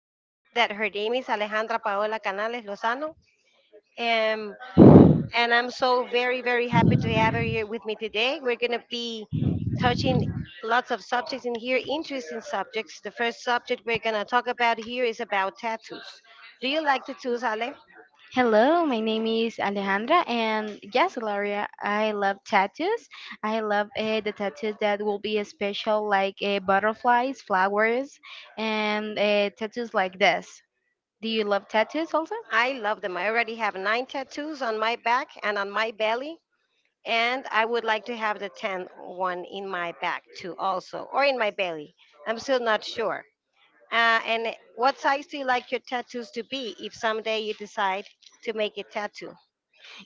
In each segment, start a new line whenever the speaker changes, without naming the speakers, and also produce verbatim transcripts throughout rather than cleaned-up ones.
for me that her name is Alejandra Paola Canales Lozano. Um, and I'm so very, very happy to have her here with me today. We're going to be touching lots of subjects in here, interesting subjects. The first subject we're going to talk about here is about tattoos. Do you like tattoos, Ale?
Hello, my name is Alejandra, and yes, Gloria, I love tattoos. I love uh, the tattoos that will be special, like uh, butterflies, flowers, and uh, tattoos like this. Do you love tattoos also?
I love them. I already have nine tattoos on my back and on my belly. And I would like to have the tenth one in my back too, also, or in my belly. I'm still not sure. Uh, and what size do you like your tattoos to be if someday you decide to make a tattoo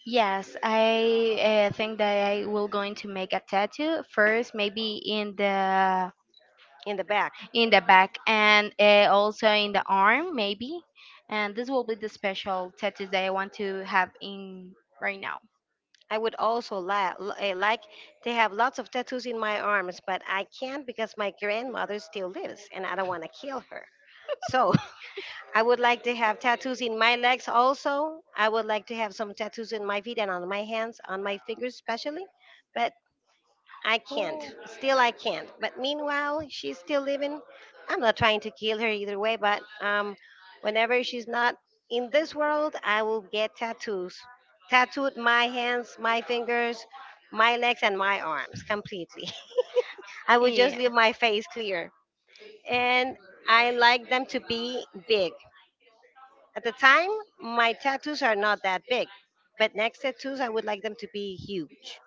Yes, I uh, think that I will going to make a tattoo first, maybe in the
in the back?
in the back and uh, also in the arm, maybe. And this will be the special tattoos that I want to have in right now.
I would also la- l- eh, like to have lots of tattoos in my arms, but I can't because my grandmother still lives and I don't want to kill her. So I would like to have tattoos in my legs also. I would like to have some tattoos in my feet and on my hands, on my fingers especially. But I can't. Still, I can't. But meanwhile, she's still living. I'm not trying to kill her either way, but um, whenever she's not in this world, I will get tattoos. Tattooed my hands, my fingers, my legs, and my arms completely. I would just leave my face clear. And I like them to be big. At the time, my tattoos are not that big, but next tattoos, I would like them to be huge.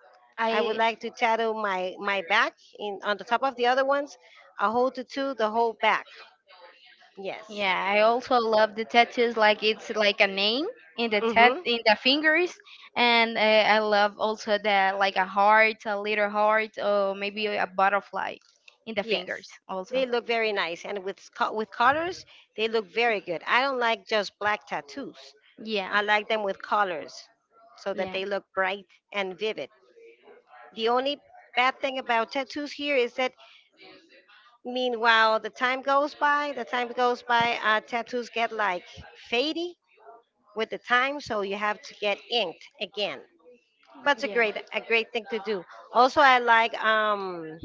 I would
I
like to tattoo my my back in on the top of the other ones, a whole tattoo, the whole back. Yes.
Yeah, I also love the tattoos. Like it's like a name in the tat
Mhm.
in the fingers, and uh, I love also the like a heart, a little heart, or maybe a butterfly in the
Yes.
fingers
They
also.
look very nice, and with sco- with colors, they look very good. I don't like just black tattoos.
Yeah,
I like them with colors, so that
yeah,
they look bright and vivid. The only bad thing about tattoos here is that, meanwhile, the time goes by. The time goes by. Uh, tattoos get like fadey with the time, so you have to get inked again. That's a
yeah.
great a great thing to do. Also, I like um,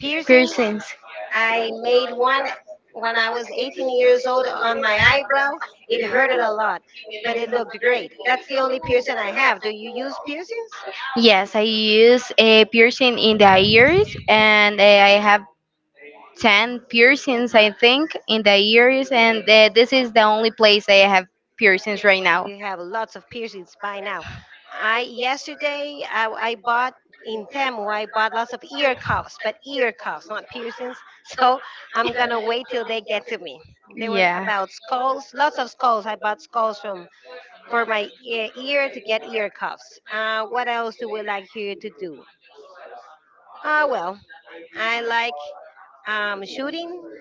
piercings.
Piercings.
I made one when I was eighteen years old on my eyebrow. It hurted a lot, but it looked great. That's the only piercing I have. Do you use piercings?
Yes, I use a piercing in the ears, and uh, I have ten piercings, I think, in the ears, and uh, this is the only place I have piercings right now.
You have lots of piercings by now. I yesterday I, I bought in Temu. I bought lots of ear cuffs, but ear cuffs, not piercings. So I'm gonna wait till they get to me. There were
Yeah.
about skulls, lots of skulls. I bought skulls from for my e- ear to get ear cuffs. Uh, what else do we like here to do? Uh, well, I like um, shooting.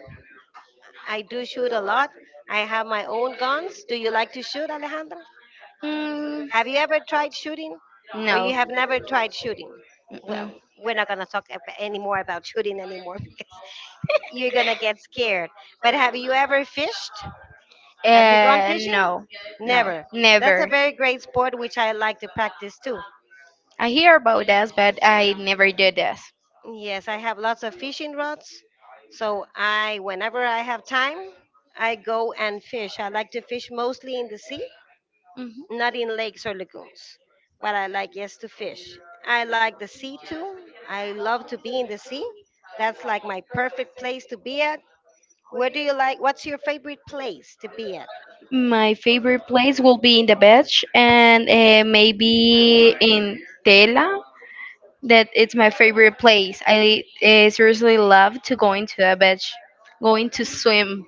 I do shoot a lot. I have my own guns. Do you like to shoot, Alejandra?
Mm,
Have you ever tried shooting, or you
no.
have never tried shooting? Well,
Mm-mm.
we're not gonna talk ab- any more about shooting anymore because you're gonna get scared. But have you ever fished? Have you gone
Uh,
fishing?
no, no,
Never. That's a
never.
very great sport which I like to practice too.
I hear about this, but I never did this.
Yes, I have lots of fishing rods. So I, whenever I have time, I go and fish. I like to fish mostly in the sea,
Mhm.
not in lakes or lagoons. But I like, yes, to fish. I like the sea too. I love to be in the sea. That's like my perfect place to be at. Where do you like? What's your favorite place to be at?
My favorite place will be in the beach and uh, maybe in Tela. That it's my favorite place. I uh, seriously love to go into the beach, going to swim.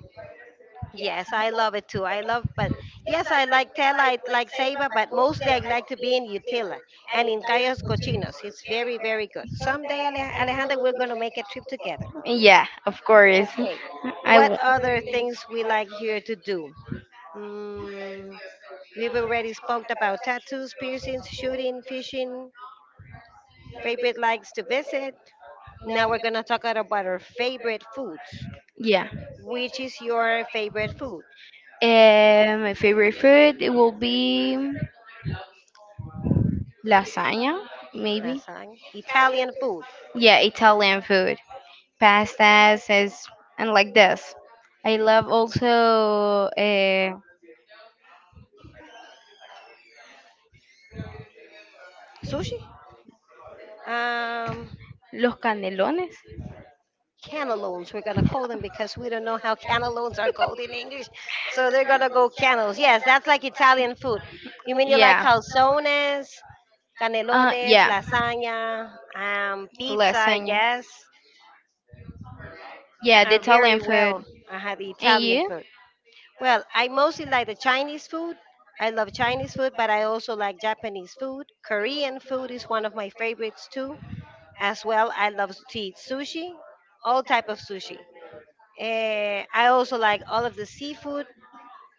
Yes, I love it too. I love, but yes, I like Tela, I like Ceiba, but mostly I like to be in Utila and in Cayos Cochinos. It's very, very good. Someday, Ale- Alejandra, we're going to make a trip together.
Yeah, of course.
Okay.
I
What
w-
other things we like here to do? Mm, we've already spoke about tattoos, piercings, shooting, fishing, favorite likes to visit. Now we're going to talk about our favorite foods.
yeah.
Which is your favorite food?
Um, my favorite food it will be lasagna, maybe.
Nasang? Italian food.
Yeah, Italian food, pastas, is, and like this. I love also uh,
Sushi? Um,
los canelones.
Cantaloupes. We're gonna call them because we don't know how cantaloupes are called in English, so they're gonna go cantaloupes. Yes, that's like Italian food. You mean you like
Yeah.
calzones,
Uh,
canelones,
yeah.
lasagna, um, pizza? I
Lasagna.
guess
Yeah, the
are
Italian
very
food.
well. I had the
And
Italian
you?
food. Well, I mostly like the Chinese food. I love Chinese food, but I also like Japanese food. Korean food is one of my favorites too. As well, I love to eat sushi, all type of sushi. Eh, I also like all of the seafood.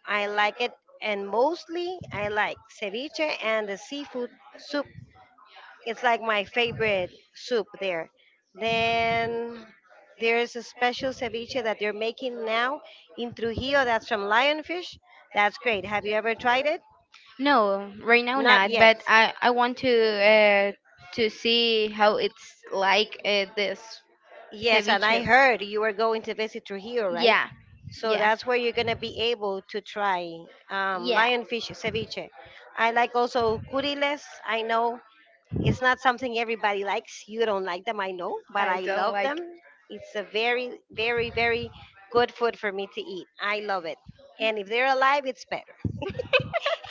I like it, and mostly I like ceviche and the seafood soup. It's like my favorite soup there. Then there's a special ceviche that they're making now in Trujillo. That's from lionfish. That's great. Have you ever tried it?
No, right now
Not
not.
yet.
But I I want to uh to see how it's like uh, this
Yes, and I
ceviche.
heard you were going to visit Trujillo, right? Yeah.
Yeah.
So
Yeah.
that's where you're gonna be able to try um,
Yeah.
lionfish ceviche. I like also curiles. I know it's not something everybody likes. You don't like them, I know, but
I
I
don't
love
like.
them. It's a very, very, very good food for me to eat. I love it, and if they're alive, it's best.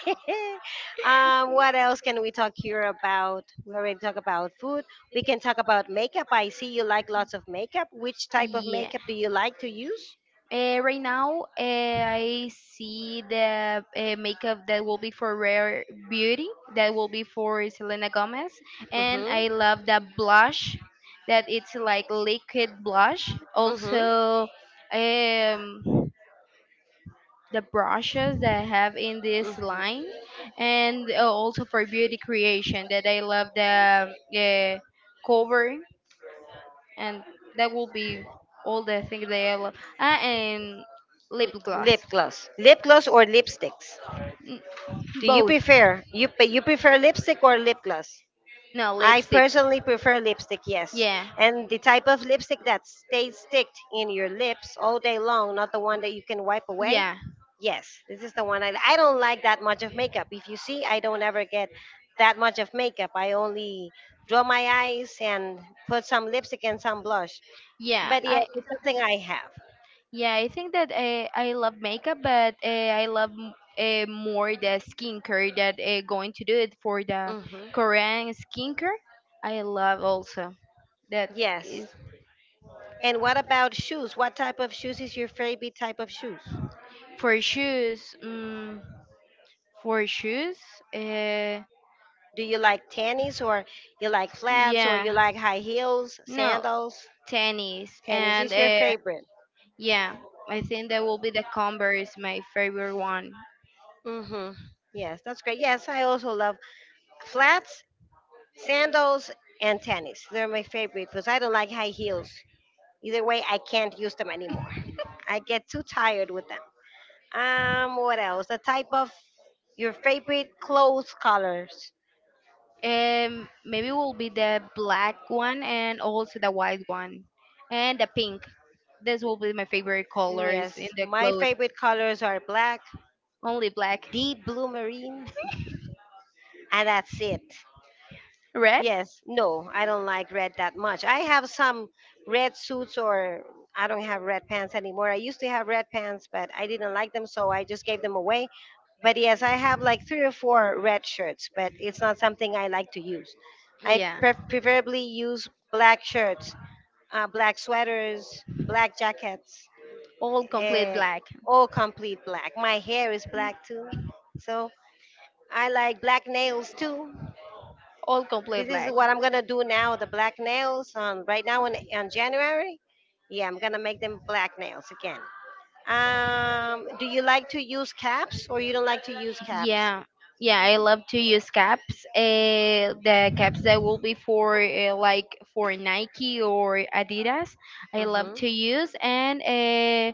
um, What else can we talk here about? We already talk about food. We can talk about makeup. I see you like lots of makeup. Which type of
Yeah.
makeup do you like to use?
Uh, right now, uh, I see the uh, makeup that will be for Rare Beauty, that will be for Selena Gomez, and I
Mm-hmm.
love that blush, that it's like liquid blush.
Mm-hmm.
Also, um, the brushes that I have in this
Mm-hmm.
line, and uh, also for beauty creation, that I love the uh, cover, and that will be all the things that I love. Ah, and lip
Lip
gloss.
gloss. Lip gloss or lipsticks? Do you
Both.
prefer you pe- you prefer lipstick or lip gloss?
No,
I
lipstick.
personally prefer lipstick, yes.
Yeah.
And the type of lipstick that stays sticked in your lips all day long, not the one that you can wipe away.
Yeah.
Yes, this is the one I, I don't like that much of makeup. If you see, I don't ever get that much of makeup. I only draw my eyes and put some lipstick and some blush.
Yeah.
But yes,
I
it's something I have.
yeah, I think that uh, I love makeup, but uh, I love uh, more the skincare that uh, going to do it for the
Hmm.
Korean skincare. I love also that
Yes.
is
And what about shoes? What type of shoes is your favorite type of shoes?
for shoes. Um, for shoes, uh,
Do you like tennis or you like flats or
Yeah.
you like high heels,
No,
sandals?
tennis.
Tennis
And
is your
uh,
favorite.
yeah, I think that will be the Converse, my favorite one.
Mm-hmm. Yes, that's great. Yes, I also love flats, sandals, and tennis. They're my favorite because I don't like high heels. Either way, I can't use them anymore. I get too tired with them. Um, what else? The type of your favorite clothes colors.
Um, maybe will be the black one and also the white one and the pink. This will be my favorite colors
Yes,
in the
my
clothes.
favorite colors are black,
Only black.
deep blue marine, and that's it.
Red?
Yes, no, I don't like red that much. I have some red suits, or I don't have red pants anymore. I used to have red pants, but I didn't like them, so I just gave them away. But yes, I have like three or four red shirts, but it's not something I like to use. I
Yeah.
pre- preferably use black shirts, uh, black sweaters, black jackets,
All complete
uh,
black.
all complete black. My hair is black too, so I like black nails too.
All complete
This is
black.
what I'm gonna do now. The black nails on right now in on January. Yeah, I'm gonna make them black nails again. Um, do you like to use caps or you don't like to use caps?
Yeah, yeah, I love to use caps. Uh, the caps that will be for uh, like for Nike or Adidas, I love
Mm-hmm.
to use. And uh,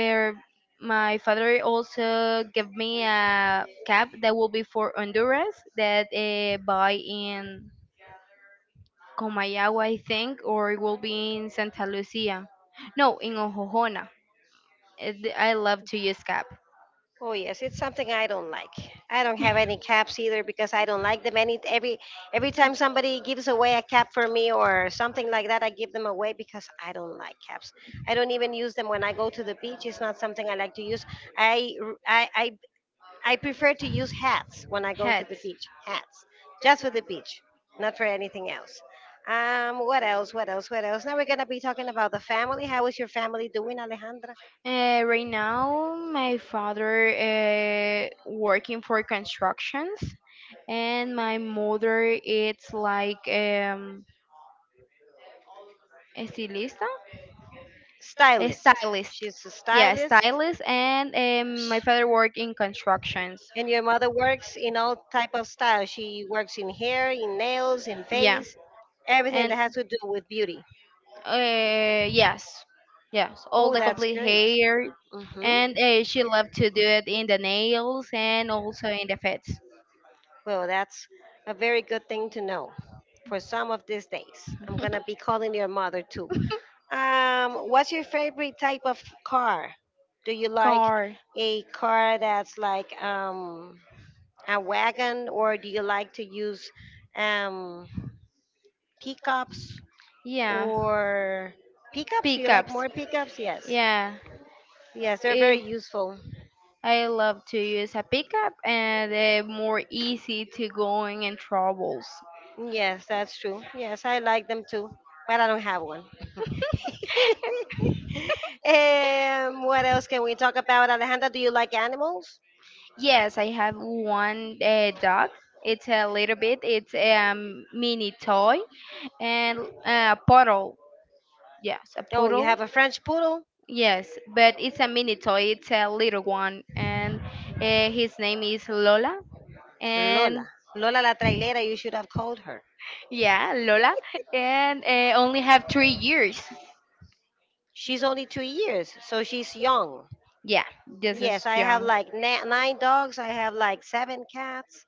uh, my father also gave me a cap that will be for Honduras that uh, buy in Comayagua, I think, or it will be in Santa Lucia. No, in Ojojona. Uh, th- I love to use cap.
Oh yes, it's something I don't like. I don't have any caps either because I don't like them. Any every every time somebody gives away a cap for me or something like that, I give them away because I don't like caps. I don't even use them when I go to the beach. It's not something I like to use. I r- I I, I prefer to use hats when I go to the
Hats.
beach. Hats, just for the beach, not for anything else. Um, what else? What else? What else? Now we're gonna be talking about the family. How is your family doing, Alejandra?
Uh, right now, my father uh, working for constructions, and my mother it's like um, estilista, a
Stylist.
stylist.
She's a
Yeah,
stylist.
stylist, and um, my father work in constructions.
And your mother works in all type of style. She works in hair, in nails, in
Yeah,
face, everything that
and
has to do with beauty.
Uh, yes, yes, all
Oh,
the
that's
complete
great.
hair,
Hmm.
and uh, she loved to do it in the nails and also in the feet.
Well, that's a very good thing to know for some of these days. I'm gonna be calling your mother too. Um, what's your favorite type of car? Do you like
Car,
a car that's like um, a wagon, or do you like to use um, pickups? Yeah.
yeah,
Or pickups? Do you like
pickups,
more pickups? Yes.
yeah.
Yes, they're
Eh,
very useful.
I love to use a pickup, and uh, more easy to going in troubles.
Yes, that's true. Yes, I like them too, but I don't have one. Um, what else can we talk about, Alejandra? Do you like animals?
Yes, I have one uh, dog. It's a little bit. It's a um, mini toy and uh, a puddle. Yes, a
Oh, you
poodle.
have a French poodle?
Yes, but it's a mini toy. It's a little one, and uh, his name is Lola.
Lola.
And
Lola la trailera, you should have called her.
yeah, Lola, and uh, only have three years.
She's only two years, so she's young.
Yeah, this
Yes,
is
I have
young.
like na- nine dogs. I have like seven cats.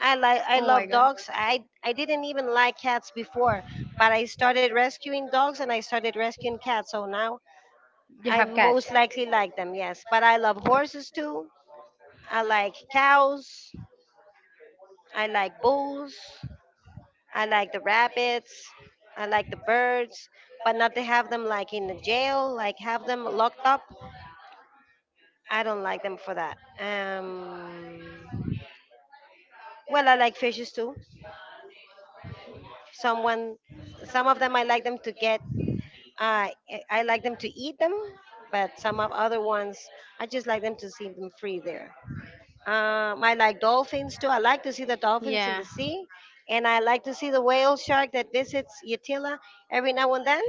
I like I
Oh my
love
god.
dogs. I I didn't even like cats before, but I started rescuing dogs and I started rescuing cats. So now
You
I
have
most
cats.
likely like them. Yes, but I love horses too. I like cows. I like bulls. I like the rabbits. I like the birds, but not to have them like in the jail, like have them locked up. I don't like them for that. Um, well, I like fishes too. Someone, some of them I like them to get I I like them to eat them, but some of other ones I just like them to see them free there. Um, I like dolphins too. I like to see the dolphins in
Yeah.
the sea, and I like to see the whale shark that visits Utila every now and then.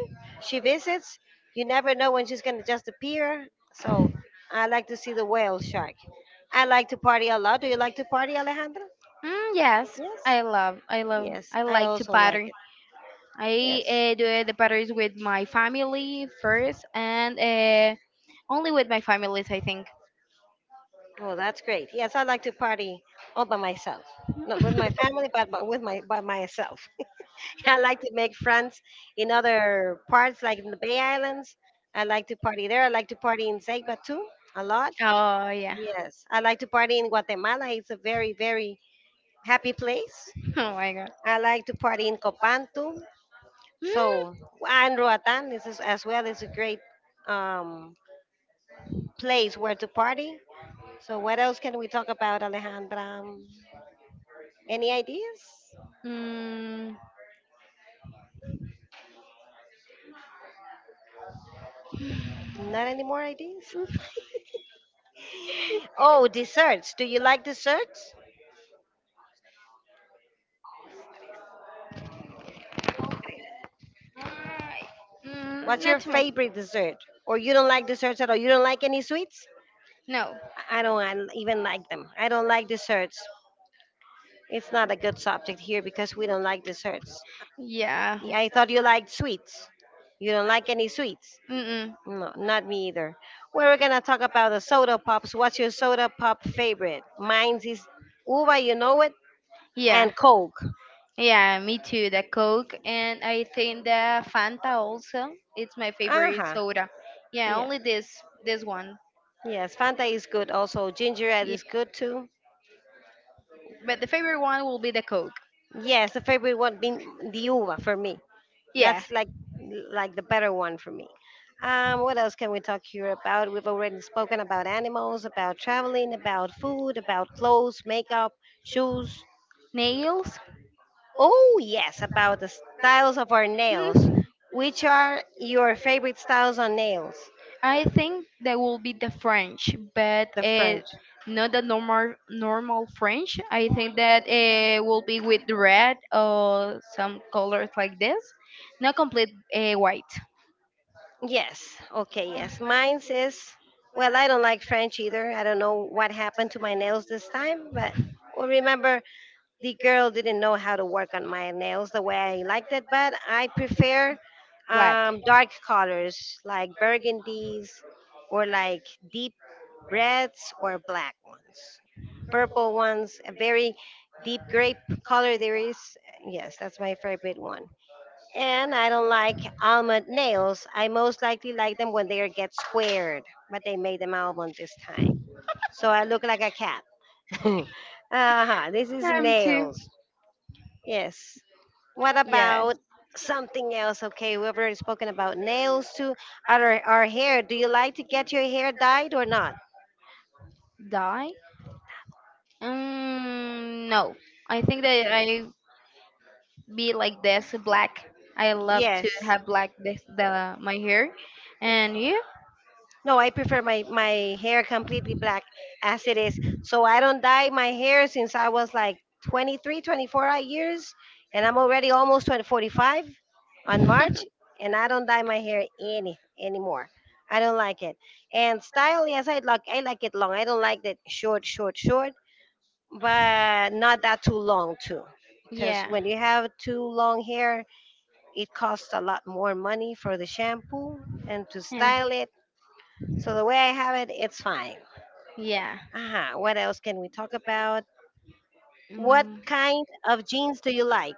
She visits. You never know when she's gonna just appear. So I like to see the whale shark. I like to party a lot. Do you like to party, Alejandra?
Mm, yes,
Yes.
I love, I love,
Yes,
I
I
like to
also like
pattern.
it.
I
Yes.
uh, do uh, the patterns with my family first, and uh, only with my families, I think.
Oh, that's great. Yes, I like to party all by myself. Not with my family, but, but with my by myself. I like to make friends in other parts, like in the Bay Islands. I like to party there. I like to party in Ceiba too, a lot.
Oh yeah.
Yes, I like to party in Guatemala. It's a very, very happy place.
Oh my god.
I like to party in Copan too. So, and Roatan is is- as well is a great um, place where to party. So, what else can we talk about, Alejandra? Any ideas?
Mm. Mm.
Not any more ideas? Oh, desserts. Do you like desserts?
I- Mm,
What's your
not too much.
favorite dessert? Or you don't like desserts at all? You don't like any sweets?
No.
I I don't I even like them. I don't like desserts. It's not a good subject here because we don't like desserts.
Yeah.
Yeah, I thought you liked sweets. You don't like any sweets?
Mm-mm.
No, not me either. We're gonna talk about the soda pops. What's your soda pop favorite? Mine's is uva, you know it,
Yeah.
and Coke.
Yeah. Me too. The Coke and I think the Fanta also. It's my
Uh
favorite
huh.
soda. Yeah.
Yeah.
Only this. This one.
Yes, Fanta is good also. Ginger ale
Yeah.
is good too.
But the favorite one will be the Coke.
Yes, the favorite one being the uva for me.
Yeah.
That's like like the better one for me. Um, what else can we talk here about? We've already spoken about animals, about traveling, about food, about clothes, makeup, shoes.
Nails?
Oh yes, about the styles of our nails.
Hmm.
Which are your favorite styles on nails?
I think that will be the French, but
The
uh,
French.
not the normal normal French. I think that uh, will be with red or some colors like this, not complete uh, white,
Yes. Okay. Yes. Mine says, well, I don't like French either. I don't know what happened to my nails this time, but well, remember, the girl didn't know how to work on my nails the way I liked it, but I prefer
black.
um, dark colors like burgundies or like deep reds or black ones, purple ones, a very deep grape color there is. Yes, that's my favorite one. And I don't like almond nails. I most likely like them when they are get squared, but they made them almond this time. So I look like a cat. Uh-huh. This is
I'm too.
nails. Yes. What about
Yes.
something else? Okay, we've already spoken about nails too. Our, our hair. Do you like to get your hair dyed or not?
Die? Um, no. I think that I be like this black. I love to
Yes.
have black this the my hair. And you?
No, I prefer my my hair completely black as it is. So I don't dye my hair since I was like twenty-three, twenty-four odd years, and I'm already almost twenty, forty-five on March, and I don't dye my hair any anymore. I don't like it. And style, yes, I like I like it long. I don't like that short, short, short, but not that too long too, because
Yeah.
when you have too long hair, it costs a lot more money for the shampoo and to
Yeah.
style it so the way I have it, it's fine.
Yeah.
Uh-huh. What else can we talk about? What
Mm.
kind of jeans do you like?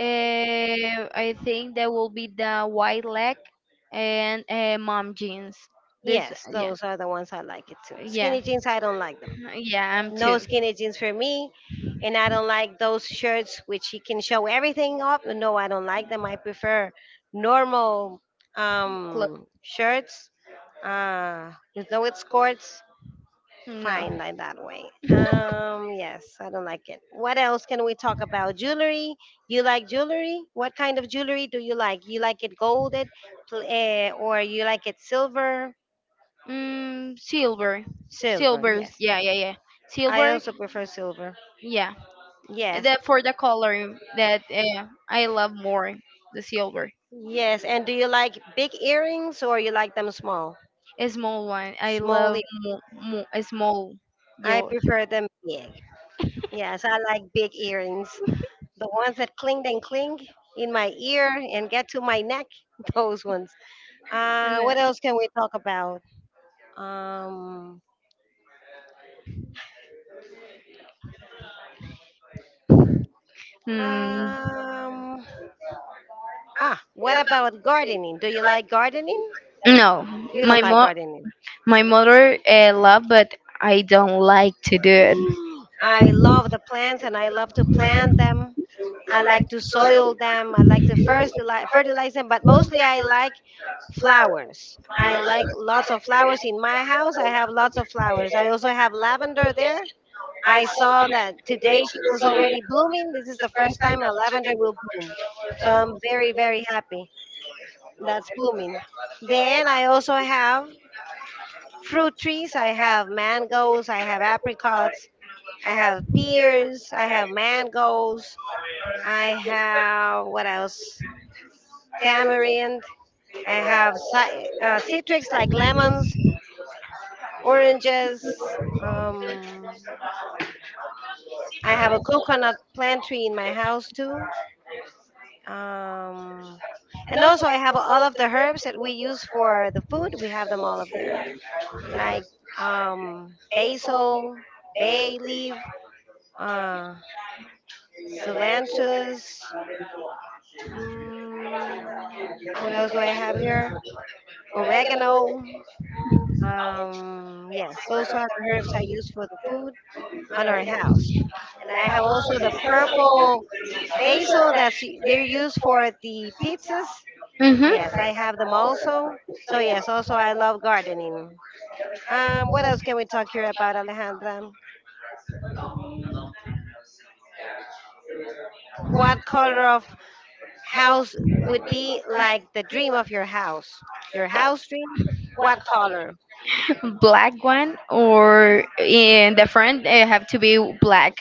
Eh, I think that will be the white leg and uh, mom jeans. This,
Yes,
yeah,
those are the ones I like it too.
yeah.
Skinny jeans, I don't like them.
Yeah, I'm
No
too.
skinny jeans for me. And I don't like those shirts which you can show everything up. No, I don't like them. I prefer normal
Close.
um, shirts uh, with no escorts.
No.
Fine, like that way. Um, yes, I don't like it. What else can we talk about? Jewelry. You like jewelry? What kind of jewelry do you like? You like it golded, pl- eh, or you like it silver?
Mm, silver.
Silver,
Silver.
yes.
Yeah, yeah, yeah.
I
Silver.
also prefer silver.
Yeah.
Yes,
That for the color that uh, I love more the silver.
yes. And do you like big earrings or you like them small?
A small one. I
Small.
love
ear-
mo- mo- a small
I
yellow.
prefer them big. Yes, I like big earrings. The ones that cling and cling in my ear and get to my neck, those ones.
And,
Uh,
uh,
what else can we talk about? Um,
mm,
um, ah, what about gardening? Do you like gardening?
no,
You
my
don't like
mo
gardening.
my mother uh, love, but I don't like to do it.
I love the plants and I love to plant them. I like to soil them. I like to first fertilize them, but mostly I like flowers. I like lots of flowers in my house. I have lots of flowers. I also have lavender there I saw that today it was already blooming. This is the first time a lavender will bloom. So I'm very, very happy that's blooming. Then I also have fruit trees. I have mangoes, I have apricots, I have pears, I have mangoes, I have what else? Tamarind, I have ci- uh, citrus like lemons, oranges. Um, I have a coconut plant tree in my house too. Um, and also, I have all of the herbs that we use for the food. We have them all up there, like um, basil, bay leaf, uh, cilantro. Mm, what else do I have here? Oregano. Um, yes, those are the herbs I use for the food on our house. And I have also the purple basil that's u- they're used for the pizzas.
Mhm.
Yes, I have them also. So yes, also I love gardening. Um, what else can we talk here about, Alejandra? Mm, what color of house would be like the dream of your house? Your house dream? What color?
Black one, or in the front it have to be black,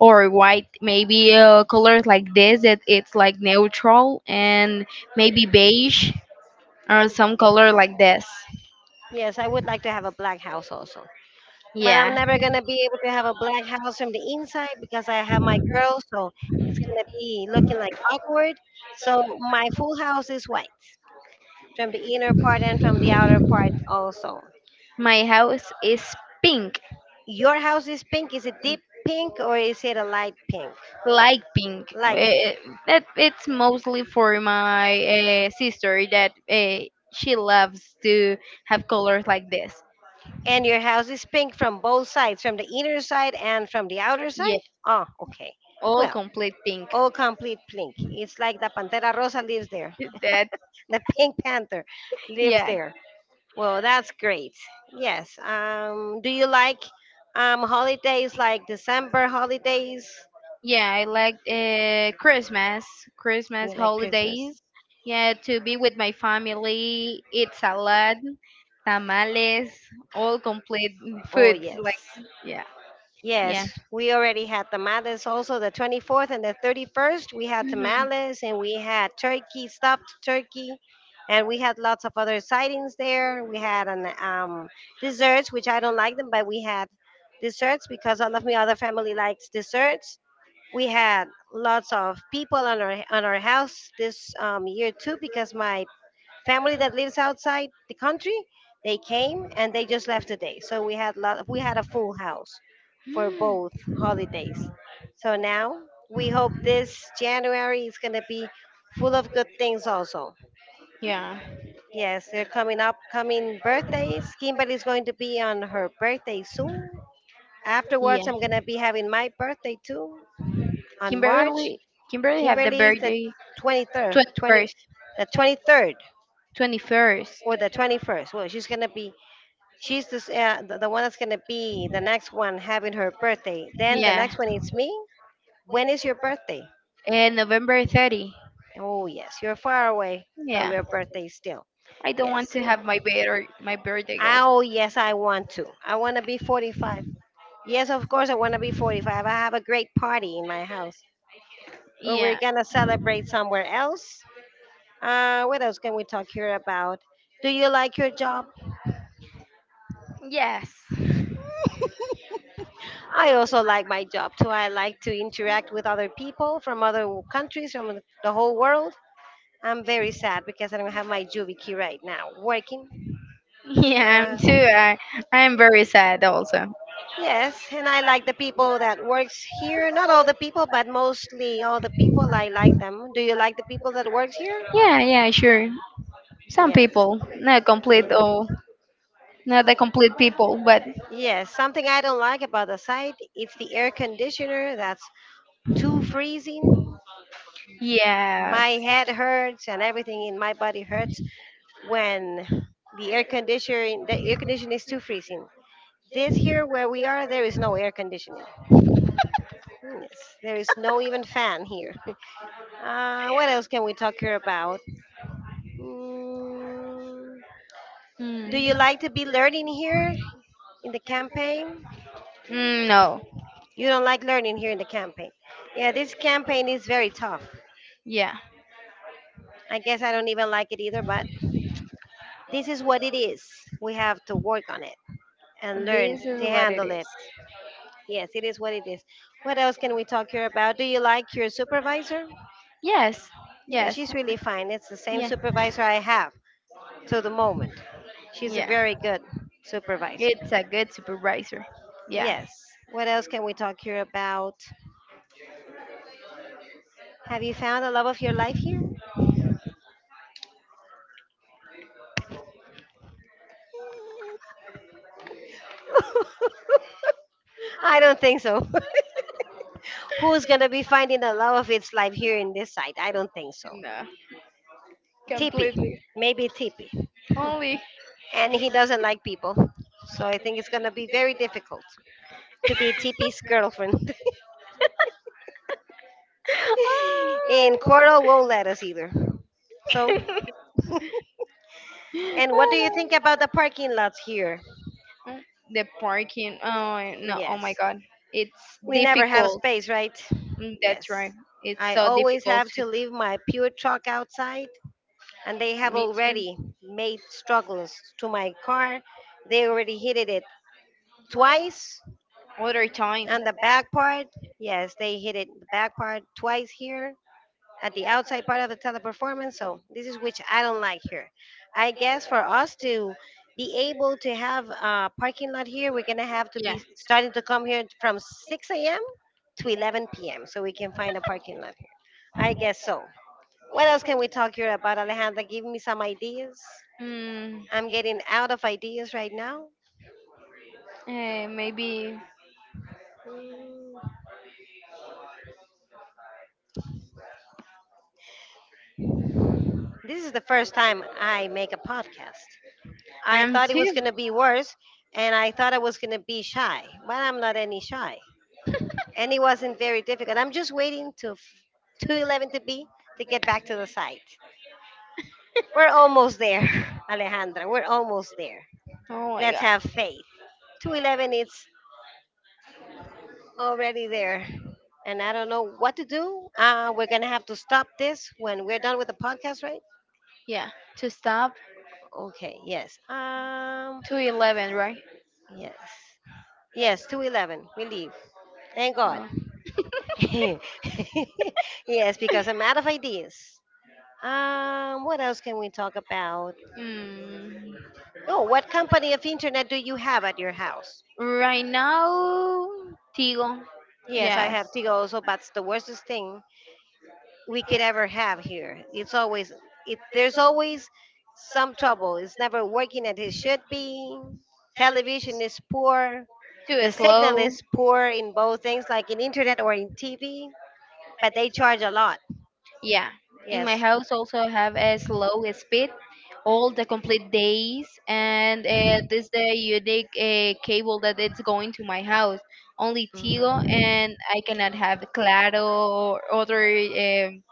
or white. Maybe a color like this that it's like neutral, and maybe beige, or some color like this.
Yes, I would like to have a black house also. But
Yeah,
I'm never gonna be able to have a black house from the inside because I have my girl, so it's gonna be looking like awkward. So my full house is white from the inner part and from the outer part also.
my house is pink,
Your house is pink. Is it deep pink or is it a light pink?
like pink.
Light pink.
Eh, that it's mostly for my uh, sister that uh, she loves to have colors like this.
And your house is pink from both sides, from the inner side and from the outer
Yeah,
side? Oh, okay.
all
Well,
complete pink.
all complete pink. It's like the Pantera Rosa lives there.
That
The Pink Panther lives
Yeah,
there. Well, that's great. Yes. Um, do you like um, holidays like December holidays?
yeah, I like uh, Christmas
You
Christmas
like Christmas?
holidays. Yeah, to be with my family, eat salad, tamales, all complete
Oh,
foods like.
yes.
Yeah, yeah.
Yes, we already had tamales also the twenty-fourth and the thirty-first. We had
Mhm.
tamales and we had turkey, stuffed turkey, and we had lots of other sightings there. We had an um, desserts, which I don't like them, but we had desserts because all of my other family likes desserts. We had lots of people on our on our house this um, year too because my family that lives outside the country. They came and they just left today. So we had lot we had a full house for both
Mm.
holidays. So now we hope this January is going to be full of good things also.
Yeah.
Yes, they're coming up, coming birthdays. Kimberly's going to be on her birthday soon.
Yeah.
Afterwards, I'm going to be having my birthday too on March.
Kimberly Kimberly have the
Kimberly's the
birthday
twenty-third, twenty,
twenty-first.
the twenty-third
twenty-first.
or the twenty-first. Well, she's going to be she's this, uh, the, the one that's going to be the next one having her birthday. Then the
Yeah.
next one is me. When is your birthday?
And November thirty.
Oh, yes, you're far away from
Yeah.
your birthday still.
I don't want
Yes.
to
Mm.
have my bed or my birthday also.
Oh, yes, I want to. I want to be forty-five. Yes, of course, I want to be forty-five. I have a great party in my house. Well, we're
Yeah.
going to celebrate somewhere else. Uh, what else can we talk here about? Do you like your job?
Yes.
I also like my job too. I like to interact with other people from other w- countries, from the the whole world. I'm very sad because I don't have my juvie key right now working.
Yeah,
Uh,
I'm too. I I'm very sad also.
yes, and I like the people that works here. Not all the people, but mostly all the people. I like them. Do you like the people that works here?
Yeah, yeah, sure. Some
Yes.
people, not complete
Ye-
or not the complete people, but
Yes. Something I don't like about the site, it's the air conditioner that's too freezing.
yes.
My head hurts and everything in my body hurts when the air conditioner the air conditioning is too freezing. This here where we are, there is no air conditioning. Hmm, yes, there is no even fan here. Uh, what else can we talk here about? Mm, do
Mm.
you like to be learning here in the campaign?
Mm, no.
You don't like learning here in the campaign. Yeah, this campaign is very tough.
Yeah.
I guess I don't even like it either, but this is what it is. We have to work on it and learn
This
to
is what it
handle
is.
it. Yes, it is what it is. What else can we talk here about? Do you like your supervisor?
Yes.
Yeah,
Yes.
she's really fine. It's the same
Yeah.
supervisor I have to the moment. She's a
Yeah.
very good supervisor.
It's a good supervisor. Yeah.
Yes. What else can we talk here about? Have you found the love of your life here? I don't think so. Who's going to be finding the love of its life here in this side? I don't think so.
No.
Tippy.
Completely.
Maybe Tippy.
Only.
And he doesn't like people. So I think it's going to be very difficult. To be T P's girlfriend. And Coral won't let us either. So,
Ah.
and what do you think about the parking lots here?
Ah. The parking. Oh no. Oh
Yes.
my God. It's
We never have
difficult.
space, right?
Mm, that's
Yes.
right. It's
I
so
always
difficult
have to leave my pure chalk outside, and they
to
have
me too.
already made struggles to my car. They already hit it twice
Other time.
on the back part. Yes, they hit it the back part twice here. At the outside part of the teleperformance. So this is which I don't like here. I guess for us to be able to have a parking lot here, we're gonna have to
Yeah.
be starting to come here from six a m to eleven p m so we can find a parking lot here. I guess so. What else can we talk here about, Alejandra? Give me some ideas.
Mm,
I'm getting out of ideas right now.
eh, maybe.
This is the first time I make a podcast. I
I'm
thought it was
two.
going to be worse and I thought I was going to be shy, but I'm not any shy. And it wasn't very difficult. I'm just waiting to f- two eleven to be to get back to the site. We're almost there, Alejandra. We're almost there.
Oh my
Let's
god.
have faith. two eleven it's already there. And I don't know what to do. Uh, we're going to have to stop this when we're done with the podcast, right?
Yeah. To stop
Okay, yes. Um,
to eleven, right?
yes. Yes, two eleven. We leave. Thank God.
Oh.
yes, because I'm out of ideas. Um, what else can we talk about?
Mm,
Oh, what company of internet do you have at your house?
right now, Tigo.
Yes, I
Yes.
have Tigo also, but it's the worstest thing we could ever have here. It's always it there's always some trouble. It's never working as it should be. Television is poor.
Too
The signal
slow.
is poor in both things, like in internet or in T V, but they charge a lot.
Yeah, in my
Yes.
house also have a slow speed all the complete days, and uh, this the unique uh, cable that it's going to my house. Only Tigo,
Mhm.
and I cannot have Claro or other um,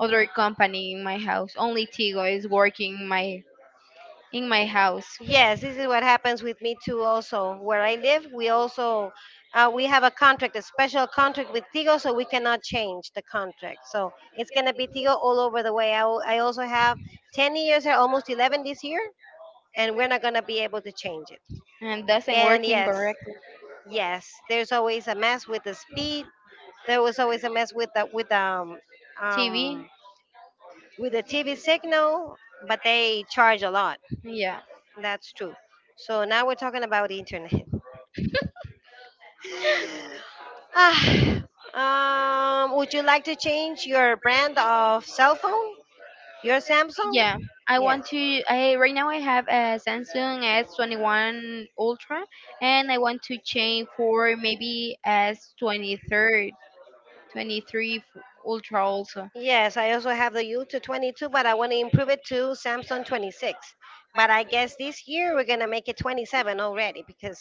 other company in my house. Only Tigo is working my in my house,
Yes, this is what happens with me too. Also, where I live, we also uh, we have a contract, a special contract with Tigo, so we cannot change the contract. So it's gonna be Tigo all over the way. I, al- I also have ten years, or almost eleven this year, and we're not gonna be able to change it.
and doesn't
And
working
yes,
correctly.
yes, there's always a mess with the speed. There was always a mess with the with um
T V,
um with the T V signal, but they charge a lot. That's true. So now we're talking about internet. Ah, um, would you like to change your brand of cell phone? Your Samsung?
yeah, I
Yes.
want to. I Right now, I have a Samsung S twenty-one Ultra, and I want to change for maybe S twenty-three, twenty-three Ultra also
Yes, I also have the U to twenty-two, but I want to improve it to Samsung twenty-six. But I guess this year we're going to make it twenty-seven already because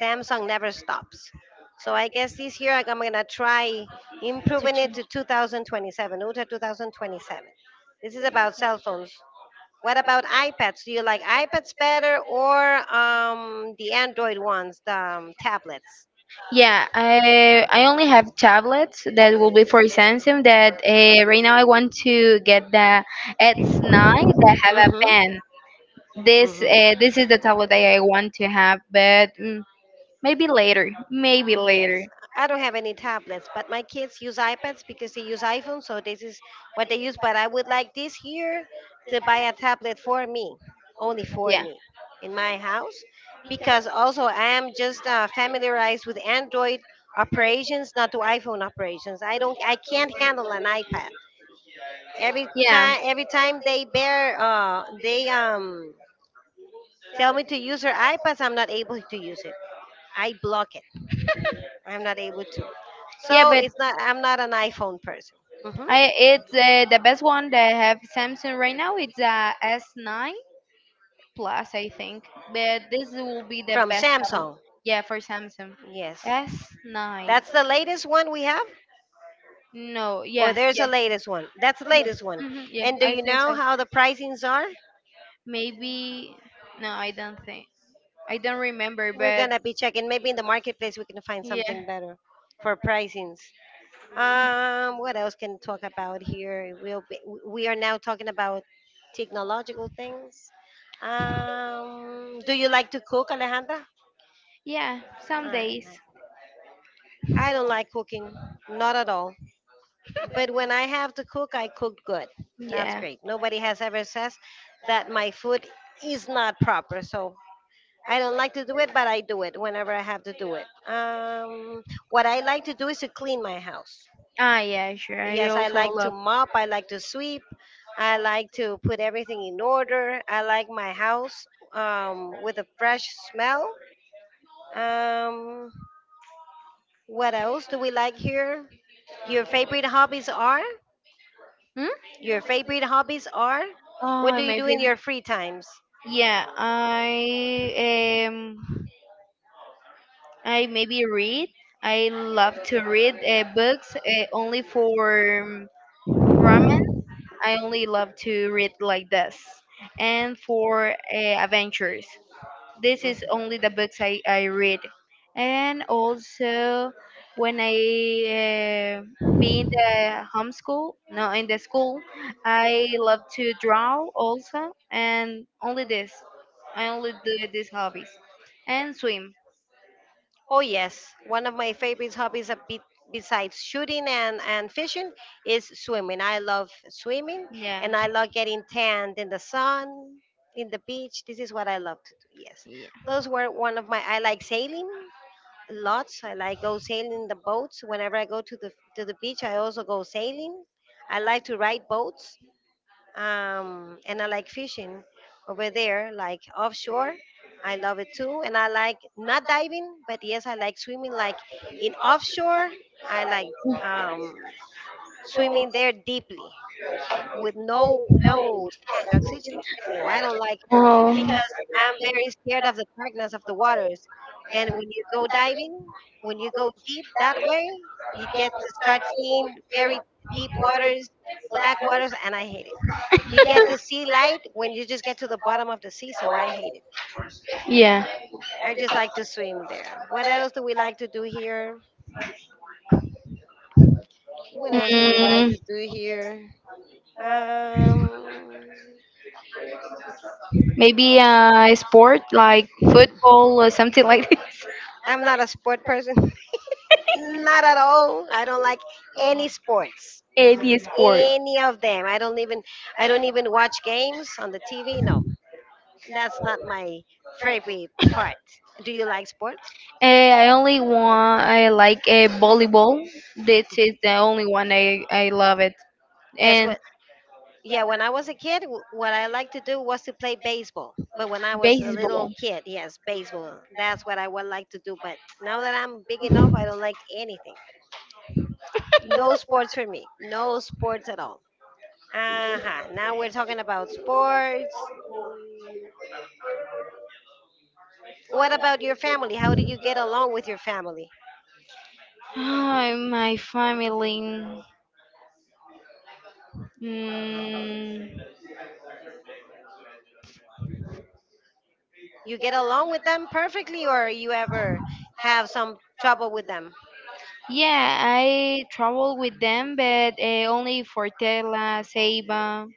Samsung never stops. So I guess this year I'm going to try
to
improving it
change.
to twenty twenty-seven, U to twenty twenty-seven. This is about cell phones. What about iPads? Do you like iPads better or um, the Android ones, the um, tablets?
Yeah, I I only have tablets that will be for Samsung. That uh, right now I want to get the S nine that have a
Mm-hmm.
pen. This uh, this is the tablet that I want to have, but mm, maybe later, maybe
Mm-hmm. Yes,
later.
I don't have any tablets, but my kids use iPads because they use iPhone, so this is what they use. But I would like this year to buy a tablet for me, only for
Yeah,
me, in my house, because also I am just uh, familiarized with Android operations, not to iPhone operations. I don't, I can't handle an iPad. Every
yeah,
kind, every time they bear, uh, they um tell me to use their iPads, I'm not able to use it. I block it. I'm not able to.
yeah.
So
But
it's not. I'm not an iPhone person. hmm
I it's uh, the best one that I have Samsung right now. It's a S nine Plus, I think, but this will be the
From
best tablet.
Samsung.
Yeah, for Samsung,
Yes,
S nine.
that's the latest one we have.
No,
Or
yes,
there's a
yes,
latest one. That's the
yes,
latest one.
hmm yeah.
And do
I
you
think
know
so.
how the pricings are?
Maybe no, I don't think. I don't remember,
We're
but
gonna be checking. Maybe in the marketplace we can find
yeah,
something better for pricings. Um, what else can talk about here? We'll be, we are now talking about technological things. Um, do you like to cook, Alejandra?
yeah. Some
I,
days,
I don't like cooking, not at all. But when I have to cook, I cook good. That's
yeah.
great. Nobody has ever says that my food is not proper. So I don't like to do it, but I do it whenever I have to do it. Um, what I like to do is to clean my house.
Ah, yeah, sure. I
Yes, I
also
like to
love.
mop. I like to sweep. I like to put everything in order. I like my house um, with a fresh smell. Um, what else do we like here? Your favorite hobbies are?
Hmm?
Your favorite hobbies are? What
Oh,
do you
my
do in
favorite.
your free times?
Yeah, I um. I maybe read. I love to read uh, books uh, only for um, ramen. I only love to read like this, and for uh, adventures. This is only the books I, I read, and also when I uh, be in the homeschool, no, in the school, I love to draw also, and only this. I only do these hobbies, and swim.
Oh yes, one of my favorite hobbies a bit besides shooting and, and fishing is swimming. I love swimming
Yeah.
and I love getting tanned in the sun, in the beach. This is what I love to do. Yes. Those were one of my I like sailing lots. I like go sailing in the boats. Whenever I go to the to the beach, I also go sailing. I like to ride boats um, and I like fishing over there, like offshore. I love it too, and I like not diving, but yes, I like swimming. Like in offshore, I like um, swimming there deeply with no no tank, oxygen tank. No, I don't like
Oh,
because I'm very scared of the darkness of the waters. And when you go diving, when you go deep that way, you get to start seeing very deep waters, black waters, and I hate it. You get to see light when you just get to the bottom of the sea, so I hate it.
yeah.
I just like to swim there. What else do we like to do here? What else do we like
Mm,
to do here? Um,
maybe a sport like football or something like this.
I'm not a sport person. not at all. I don't like any sports.
Any sport.
Any of them. I don't even I don't even watch games on the T V. No. That's not my favorite part. Do you like sports?
Uh, I only want I like uh, volleyball. This is the only one I I love it.
Yes,
And
what Yeah, when I was a kid, w- what I liked to do was to play baseball. But when I was a little
baseball.
kid, yes, baseball. That's what I would like to do. But now that I'm big enough, I don't like anything. No sports for me. No sports at all. Uh huh. Now we're talking about sports. What about your family? How do you get along with your family?
My family. Mm,
You get along with them perfectly, or you ever have some trouble with them?
yeah, I travel with them, but uh, only for Tela, Ceiba.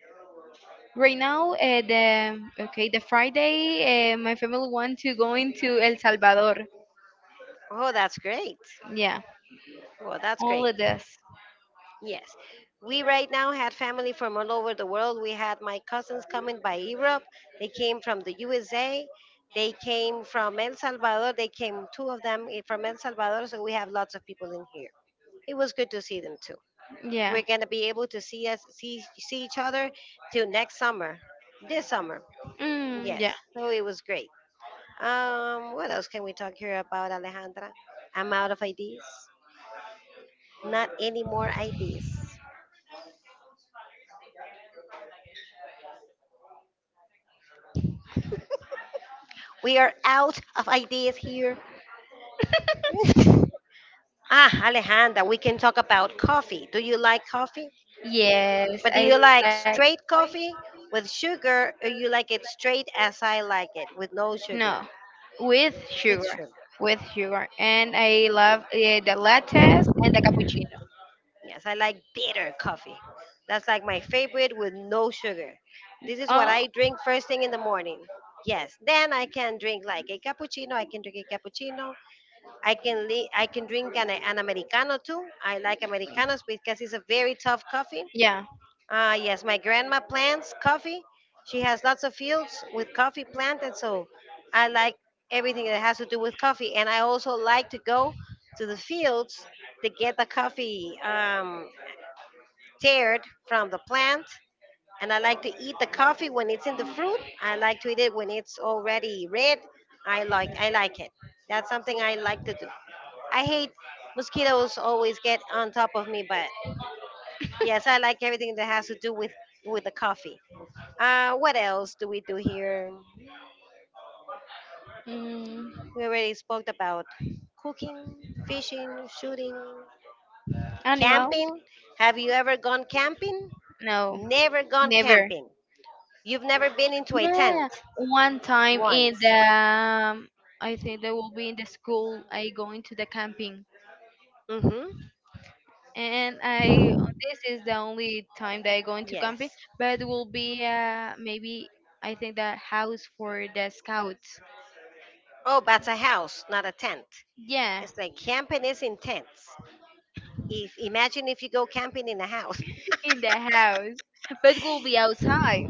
Right now, uh, the okay, the Friday, uh, my family want to go into El Salvador.
Oh, that's great.
Yeah,
Well, that's great.
only this.
Yes. We right now had family from all over the world. We had my cousins coming by Europe. They came from the U S A. They came from El Salvador. They came, two of them I- from El Salvador. So we have lots of people in here. It was good to see them too.
Yeah.
We're going to be able to see us, see, see each other till next summer, this summer.
Mm,
Yes.
yeah.
So it was great. Um, what else can we talk here about, Alejandra? I'm out of ideas. Not any more ideas. We are out of ideas here. Ah, Alejandra, we can talk about coffee. Do you like coffee?
Yes,
But do
I
you
like.
like straight coffee with sugar, or you like it straight as I like it, with no
No,
sugar?
with sugar,
With sugar.
with sugar, and I love uh, the lattes and the cappuccino.
Yes, I like bitter coffee. That's like my favorite with no sugar. This is what
Oh,
I drink first thing in the morning. Yes, then I can drink like a cappuccino. I can drink a cappuccino I can li- I can drink an, an americano too. I like americanos because it's a very tough coffee.
yeah.
Uh, yes, my grandma plants coffee. She has lots of fields with coffee planted, so I like everything that has to do with coffee. And I also like to go to the fields to get the coffee um, teared from the plant. And I like to eat the coffee when it's in the fruit. I like to eat it when it's already red. I like I like it. That's something I like to do. I hate mosquitoes always get on top of me, but yes, I like everything that has to do with with the coffee. Uh, what else do we do here?
Mm,
We already spoke about cooking, fishing, shooting,
Animal?
camping. Have you ever gone camping?
No,
Never gone
never.
camping. You've never been into a tent
Yeah, one time in
once.
the, um, I think they will be in the school. I going to the camping,
Mm-hmm.
and I this is the only time that I go into camping.
Yes.
But it will be uh maybe I think the house for the scouts.
Oh, but a house, not a tent.
Yeah,
It's like camping is in tents. If imagine if you go camping in a house.
in the house, but will be outside.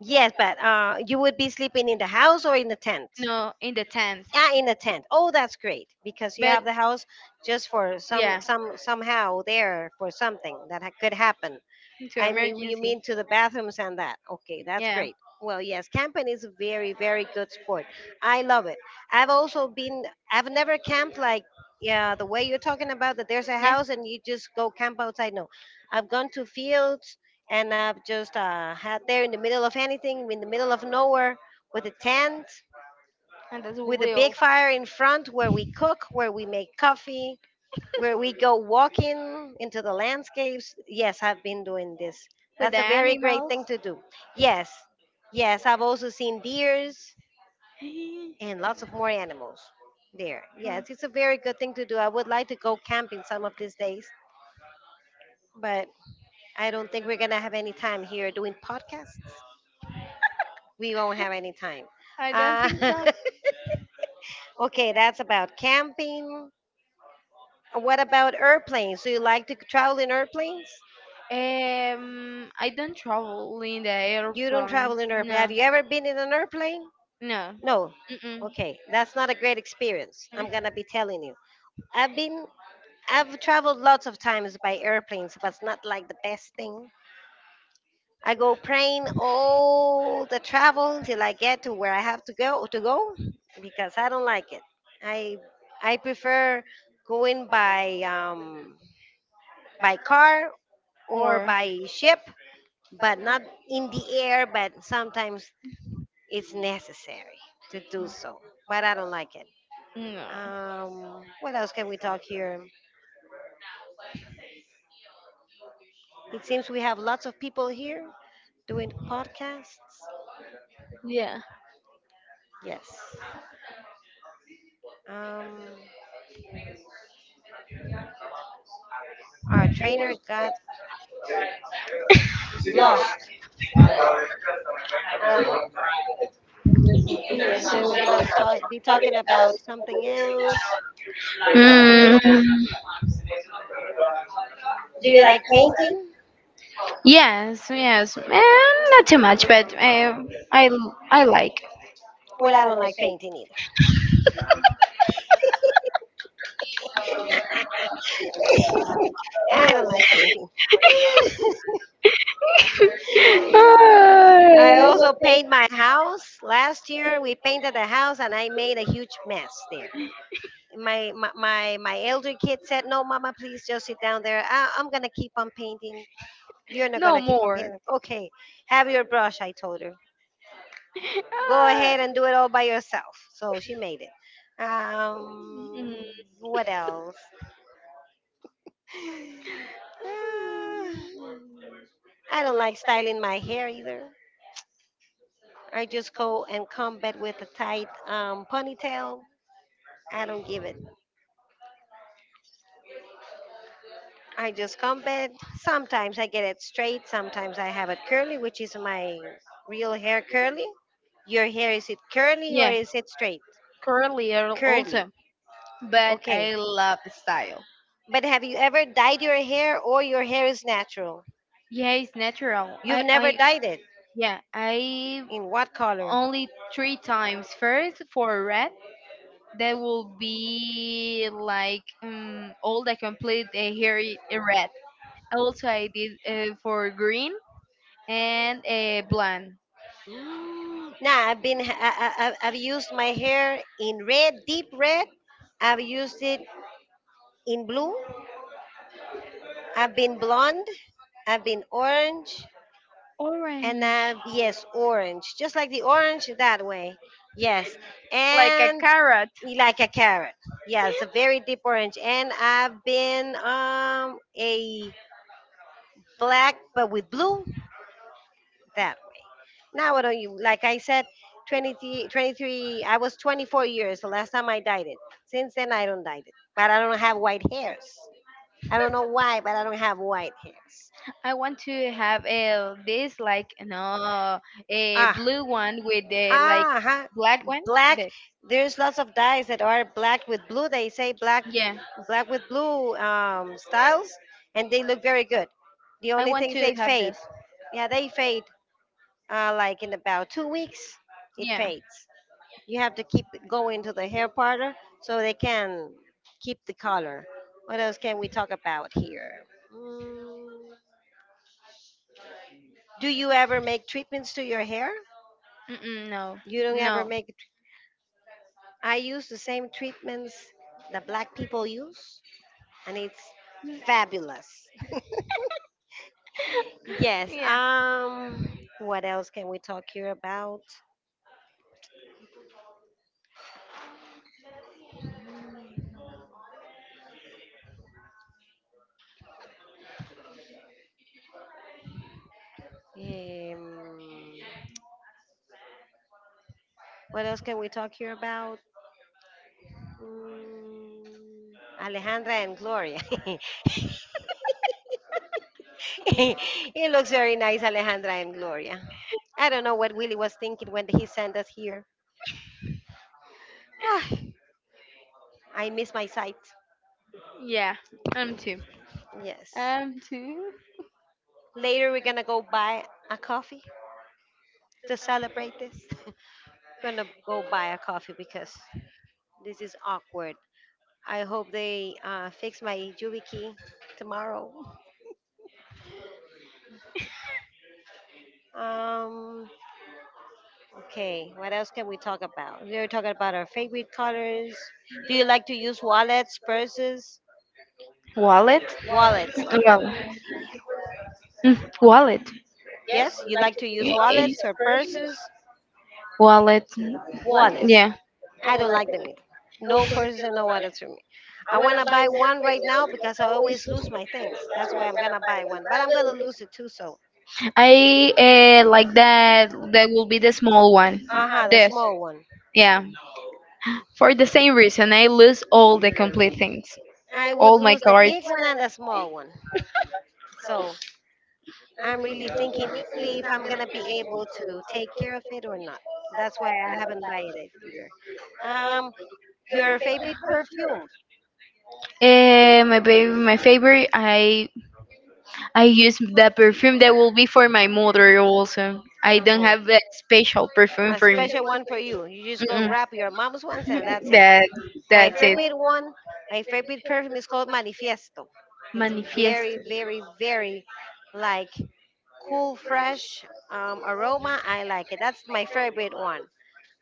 Yes, but uh, you would be sleeping in the house or in the tent.
No, in the tent.
Yeah, in a tent. Oh, that's great because you
But
have the house just for some
yeah,
some somehow there for something that ha- could happen.
into
I mean, you
emergency.
mean to the bathrooms and that? Okay, that's
Yeah.
great. Well, yes, camping is a very, very good sport. I love it. I've also been, I've never camped like, yeah, the way you're talking about that there's a
Yeah,
house and you just go camp outside. No, I've gone to fields and I've just uh, had there in the middle of anything, in the middle of nowhere with a tent,
and that's a
with a big
wheel
fire in front where we cook, where we make coffee, where we go walking into the landscapes. Yes, I've been doing this.
with the
That's a very great
animals.
thing to do. Yes, yes, I've also seen deers and lots of more animals there.
Mm.
Yes, it's a very good thing to do. I would like to go camping some of these days, but I don't think we're going to have any time here doing podcasts. We won't have any time.
I don't think
Uh,
so.
okay, that's about camping. What about airplanes? Do you like to travel in airplanes?
Um, I don't travel in the
You don't travel
airplanes.
in an airplane.
No,
Have you ever been in an airplane?
no,
No.
mm-mm.
Okay, that's not a great experience. I'm gonna be telling you. I've been, I've traveled lots of times by airplanes, but it's not like the best thing. I go praying all the travel until I get to where I have to go to go, because I don't like it. I I prefer going by um, by car or
Or
by ship, but not in the air. But sometimes it's necessary to do so, but I don't like it.
no.
Um, what else can we talk here? It seems we have lots of people here doing podcasts.
Yeah.
Yes. Um, our trainer got lost. Ah, yeah. So we're gonna talk, be talking about something else. Um,
Mm.
do you like painting?
Yes, yes, eh, not too much, but eh, I l- I like.
Well, I don't like painting either. I don't like painting.
Uh,
I also paint my house. Last year we painted the house and I made a huge mess there. My my my, my elder kid said, "No, mama, please just sit down there. I, I'm gonna keep on painting. You're not
no
gonna keep on
more.
painting." Okay, have your brush. I told her, "Go
Uh,
ahead and do it all by yourself." So she made it.
mm,
Um, what else?
mm,
Uh, I don't like styling my hair either. I just go and come back with a tight um, ponytail. I don't give it. I just come back. Sometimes I get it straight. Sometimes I have it curly, which is my real hair curly. Your hair is it curly or
yeah,
is it straight?
curly al-
Curly.
also, but
Okay.
I love the style.
But have you ever dyed your hair or your hair is natural?
Yeah, it's natural. I
You've never
I
dyed it.
yeah, I
In what color?
only three times. First for red, that will be like um all the complete eh, hair i- red. Also, I did uh, for green and uh, blonde.
Mm, nah, I've been I, I, I- I've used my hair in red, deep red. I've used it in blue. I've been blonde, I've been orange, and
Orange.
I've, yes, orange. Just like the orange that way. Yes.
Like a
And
carrot.
like a carrot. Yeah, it's a very deep orange. And I've been um a black but with blue that way. Now I don't you like I said twenty twenty three? I was twenty-four years the last time I dyed it. Since then I don't dye it. But I don't have white hairs. I don't know why, but I don't have white hairs.
I want to have a this like no a
Ah,
blue one with the like
ah, huh,
black one.
black,
The,
there's lots of dyes that are black with blue, they say black,
yeah,
black with blue um, styles, and they look very good. The
I
only
want
thing is
to
they
have
fade,
this.
yeah, they fade, uh, like in about two weeks it
Yeah.
fades. You have to keep going to the hair parlor so they can keep the color. What else can we talk about here? mm, do you ever make treatments to your hair?
Mm-mm, no.
You don't ever
No.
make? I use the same treatments that black people use and it's fabulous. Yes.
Yeah.
Um. What else can we talk here about? Um, what else can we talk here about? Mm, Alejandra and Gloria. It looks very nice, Alejandra and Gloria. I don't know what Willie was thinking when he sent us here. Ah, I miss my sight.
Yeah. I'm too.
Yes.
Um, to
Later, we're gonna go buy a coffee to celebrate this. Gonna go buy a coffee because this is awkward. I hope they uh, fix my YubiKey tomorrow. Um, okay, what else can we talk about? We are talking about our favorite colors. Do you like to use wallets, purses?
wallet.
Wallets.
Well, mm, wallet.
Yes, you like to use
Eh, eh,
wallets or purses?
Wallet.
Wallets.
Yeah,
I don't like them either. No purses and no wallets for me. I want to buy one right now because I always lose my things. That's why I'm going to buy one. But I'm going to lose it too, so.
I uh, like that. That will be the small one.
Uh huh, the
This.
small one.
Yeah. For the same reason, I lose all the complete things,
I would
all my
lose the
cards.
big one and the small one. So I'm really thinking deeply if I'm gonna be able to take care of it or not. That's why I haven't buy it either. Um, your favorite perfume?
Eh, my baby, my favorite. I I use the perfume that will be for my mother also. I
No,
don't have a special perfume
a
for me.
special one for you. You just go
Mm-mm.
grab your mom's ones and that's it.
That
My
that's it.
favorite one, my favorite perfume is called Manifiesto. It's a very,
Manifiesto.
very, very like cool, fresh um, aroma. I like it. That's my favorite one.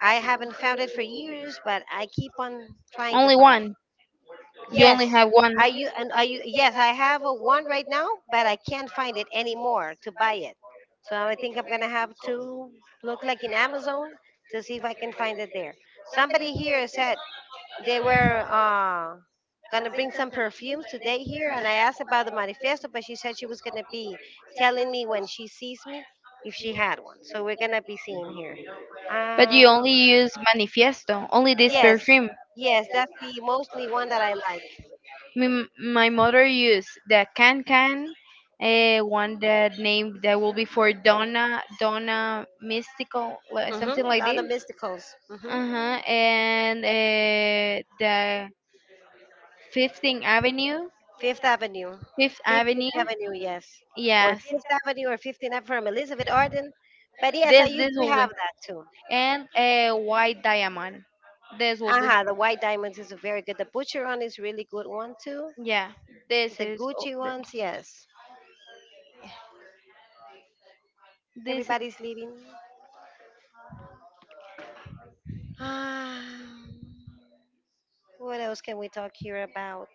I haven't found it for years, but I keep on trying to
Only
find.
one. You only
Yes,
have one.
I you and I u- yes, I have a one right now, but I can't find it anymore to buy it. So I think I'm gonna have to look like in Amazon to see if I can find it there. Somebody here said they were uh gonna bring some perfumes today here, and I asked about the manifesto, but she said she was gonna be telling me when she sees me if she had one. So we're gonna be seeing here.
But you only
Um,
use manifiesto. Only this
yes,
perfume.
yes, that's the mostly one that I like.
My, my mother used the can can, uh, one that name that will be for Donna Donna Mystical, li- something
Mm-hmm.
like
Down the
this.
Mysticals. Mm-hmm.
Uh huh. And uh, the Fifth Avenue,
Fifth Avenue.
Fifth Avenue.
Fifteenth Avenue, yes. Or
Yes,
Fifth Avenue or Fifteenth Avenue from Elizabeth Arden. But yes, I
this
used
this
to
will be
have that too.
and a white diamond. This will be.
Aha, the White Diamonds is very good. The Butcheron is really good one too.
Yeah, this
The
is o-
Gucci
th-
ones, yes.
this is.
Everybody's leaving. Ah, what else can we talk here about?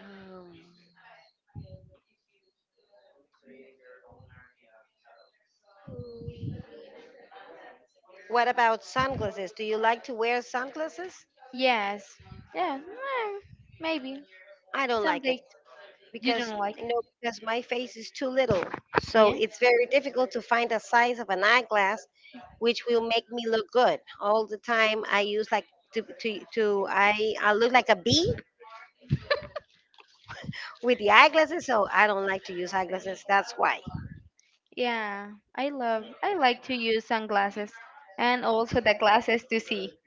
Um, what about sunglasses? Do you like to wear sunglasses?
Yes. Yeah. mm, Maybe.
I don't
Some
like it,
days you
because
don't
you
like.
know, because my face is too little, so
Yeah.
it's very difficult to find the size of an eyeglass which will make me look good all the time. I use like to, to, to I, I look like a bee with the eyeglasses, so I don't like to use eyeglasses, that's why.
Yeah. I love. I like to use sunglasses, and also the glasses to see.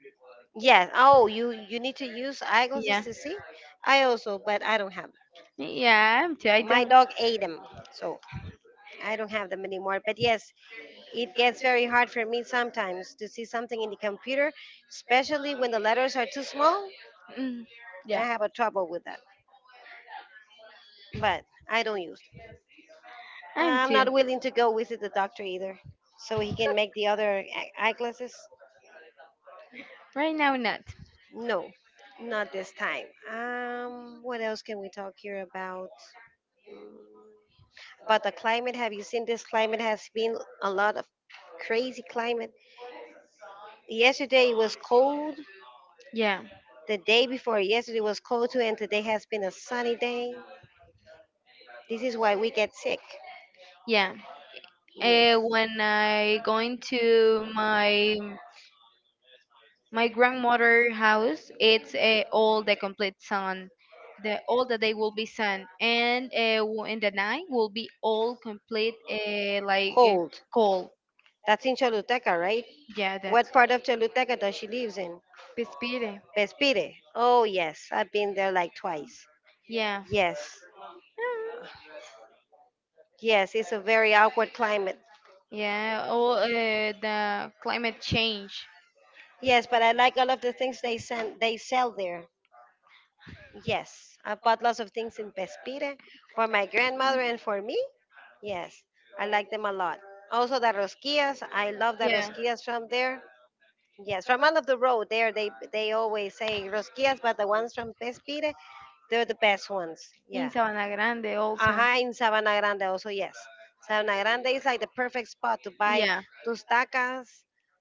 Yes, oh, you you need to use eyeglasses
Yeah.
to see. I also, but I don't have
Yeah. I'm too. I
them. My
don't.
dog ate them, so I don't have them anymore, but yes, it gets very hard for me sometimes to see something in the computer, especially when the letters are too small.
Mm,
I
yeah.
have a trouble with that, but I don't use it.
I'm
I'm
too.
not willing to go visit the doctor either, so he can make the other e-, eye- eyeglasses.
Right now, not.
No, not this time. Um, what else can we talk here about? Mm, about the climate, have you seen this climate has been a lot of crazy climate? Yesterday it was cold.
Yeah.
The day before yesterday was cold too, and today has been a sunny day. This is why we get sick.
Yeah. Uh,
Yes.
when I going to my my grandmother house it's uh, all the complete sun. The All the day will be sun and uh, w- in the night will be all complete uh, like uh,
Cold.
cold.
That's in Choluteca, right?
Yeah, that's
What part of Choluteca does she lives in?
Pespire.
Bespire. Oh yes, I've been there like twice.
Yeah,
Yes, yes, it's a very awkward climate.
yeah, all uh, the climate change.
Yes, but I like all of the things they send, they sell there. Yes, I bought lots of things in Pespire for my grandmother and for me. Yes, I like them a lot. Also the rosquillas, I love the rosquillas from there. Yes, from end of the road there they they always say rosquillas, but the ones from Pespire, they're the
Yes,
best ones.
in.
Yeah.
Yes, Sabana Grande
Aha, in Sabana Grande also, yes. Sabana Grande is like the perfect spot to buy tustacas,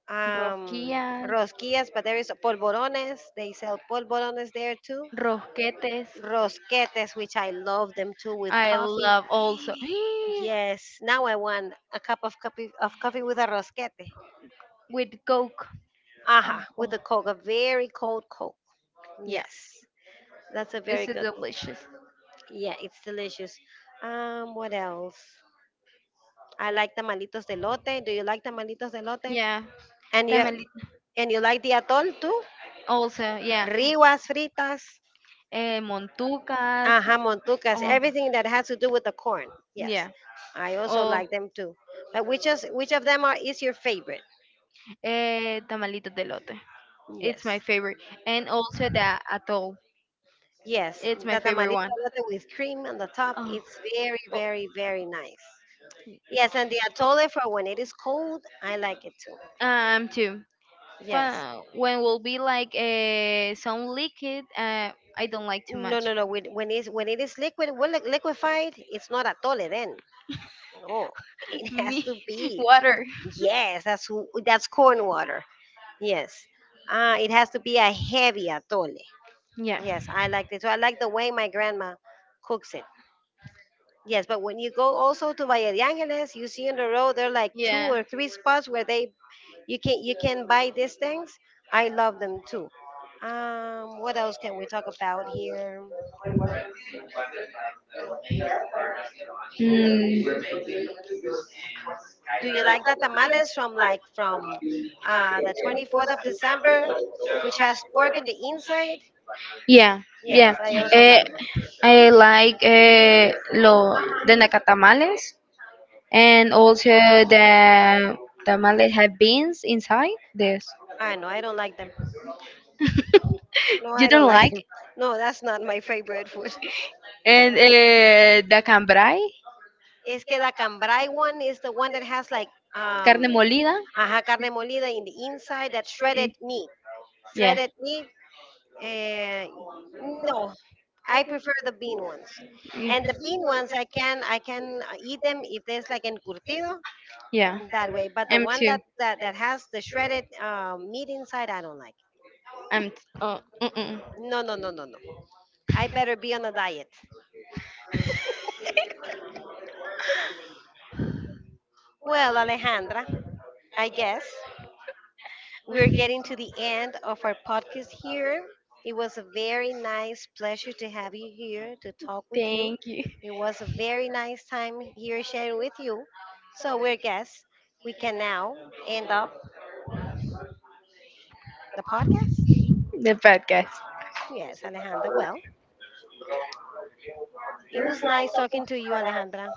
um,
rosquillas,
rosquillas, but there is polvorones. They sell polvorones there too.
rosquetes.
Rosquetes, which I love them too with
I
coffee.
love also.
Yes, now I want a cup of coffee, of coffee with a rosquete.
With Coke. Ah,
Aha,
oh,
with a Coke, a very cold Coke.
yeah,
Yes, that's a very
it's
good.
delicious.
Yeah, it's delicious. Um, what else? I like tamalitos de lote. Do you like tamalitos de lote?
Yeah,
And you
tamalito
and you like the atol too?
also. Yeah,
Riguas fritas.
eh, montucas.
Aha, montucas,
Oh,
everything that has to do with the corn. Yes,
yeah.
I also
Oh,
like them too. But which is which of them are is your favorite?
eh, tamalitos de lote. It's
Yes,
my favorite, and also the atol.
yes,
It's my
the
favorite
tamalito
one.
with cream on the top.
Oh,
It's very,
oh.
very, very nice. Yes, and the atole for when it is cold. I like it too.
Um, too.
Yes.
Qua- When will be like uh, some liquid, uh, I don't like too
No,
much.
no, no. When when it's when it is liquid, well, li- liquefied, it's not atole then. Oh, it has
Me,
to be.
water.
Yes, that's w- that's corn water. Yes. Uh, it has to be a heavy atole.
Yeah.
Yes, I like it. So I like the way my grandma cooks it. Yes, but when you go also to Valle de Angeles, you see on the road there are like two
Yeah.
or three spots where they you can you can buy these things. I love them too. Um, what else can we talk about here?
Mm,
Do you like the tamales from like from uh, the twenty-fourth of December, which has pork in the inside?
yeah.
Yes,
Yeah.
I also
Eh,
like them.
I like eh, lo, the nacatamales and also the tamales have beans inside. This.
I know, I don't like them. No,
You
I don't
don't
like
like.
them. No, that's not my favorite food.
And eh, the cambrai,
Es que the cambrai one is the one that has like um
carne molida.
ajá, carne molida in the inside, that shredded meat.
Yeah.
Shredded meat. Uh, no, I prefer the bean ones.
Mm.
And the bean ones, I can I can uh, eat them if there's like encurtido,
Yeah.
that way. But the
M
one
too.
that that, that has the shredded um, meat inside, I don't like.
I'm. T- oh. Mm-mm.
No, no, no, no, no. I better be on a diet. Well, Alejandra, I guess we're getting to the end of our podcast here. It was a very nice pleasure to have you here to talk with you.
Thank you.
It was a very nice time here sharing with you. So we're guests. We can now end up the podcast.
The podcast.
Yes, Alejandra. Well, it was nice talking to you, Alejandra.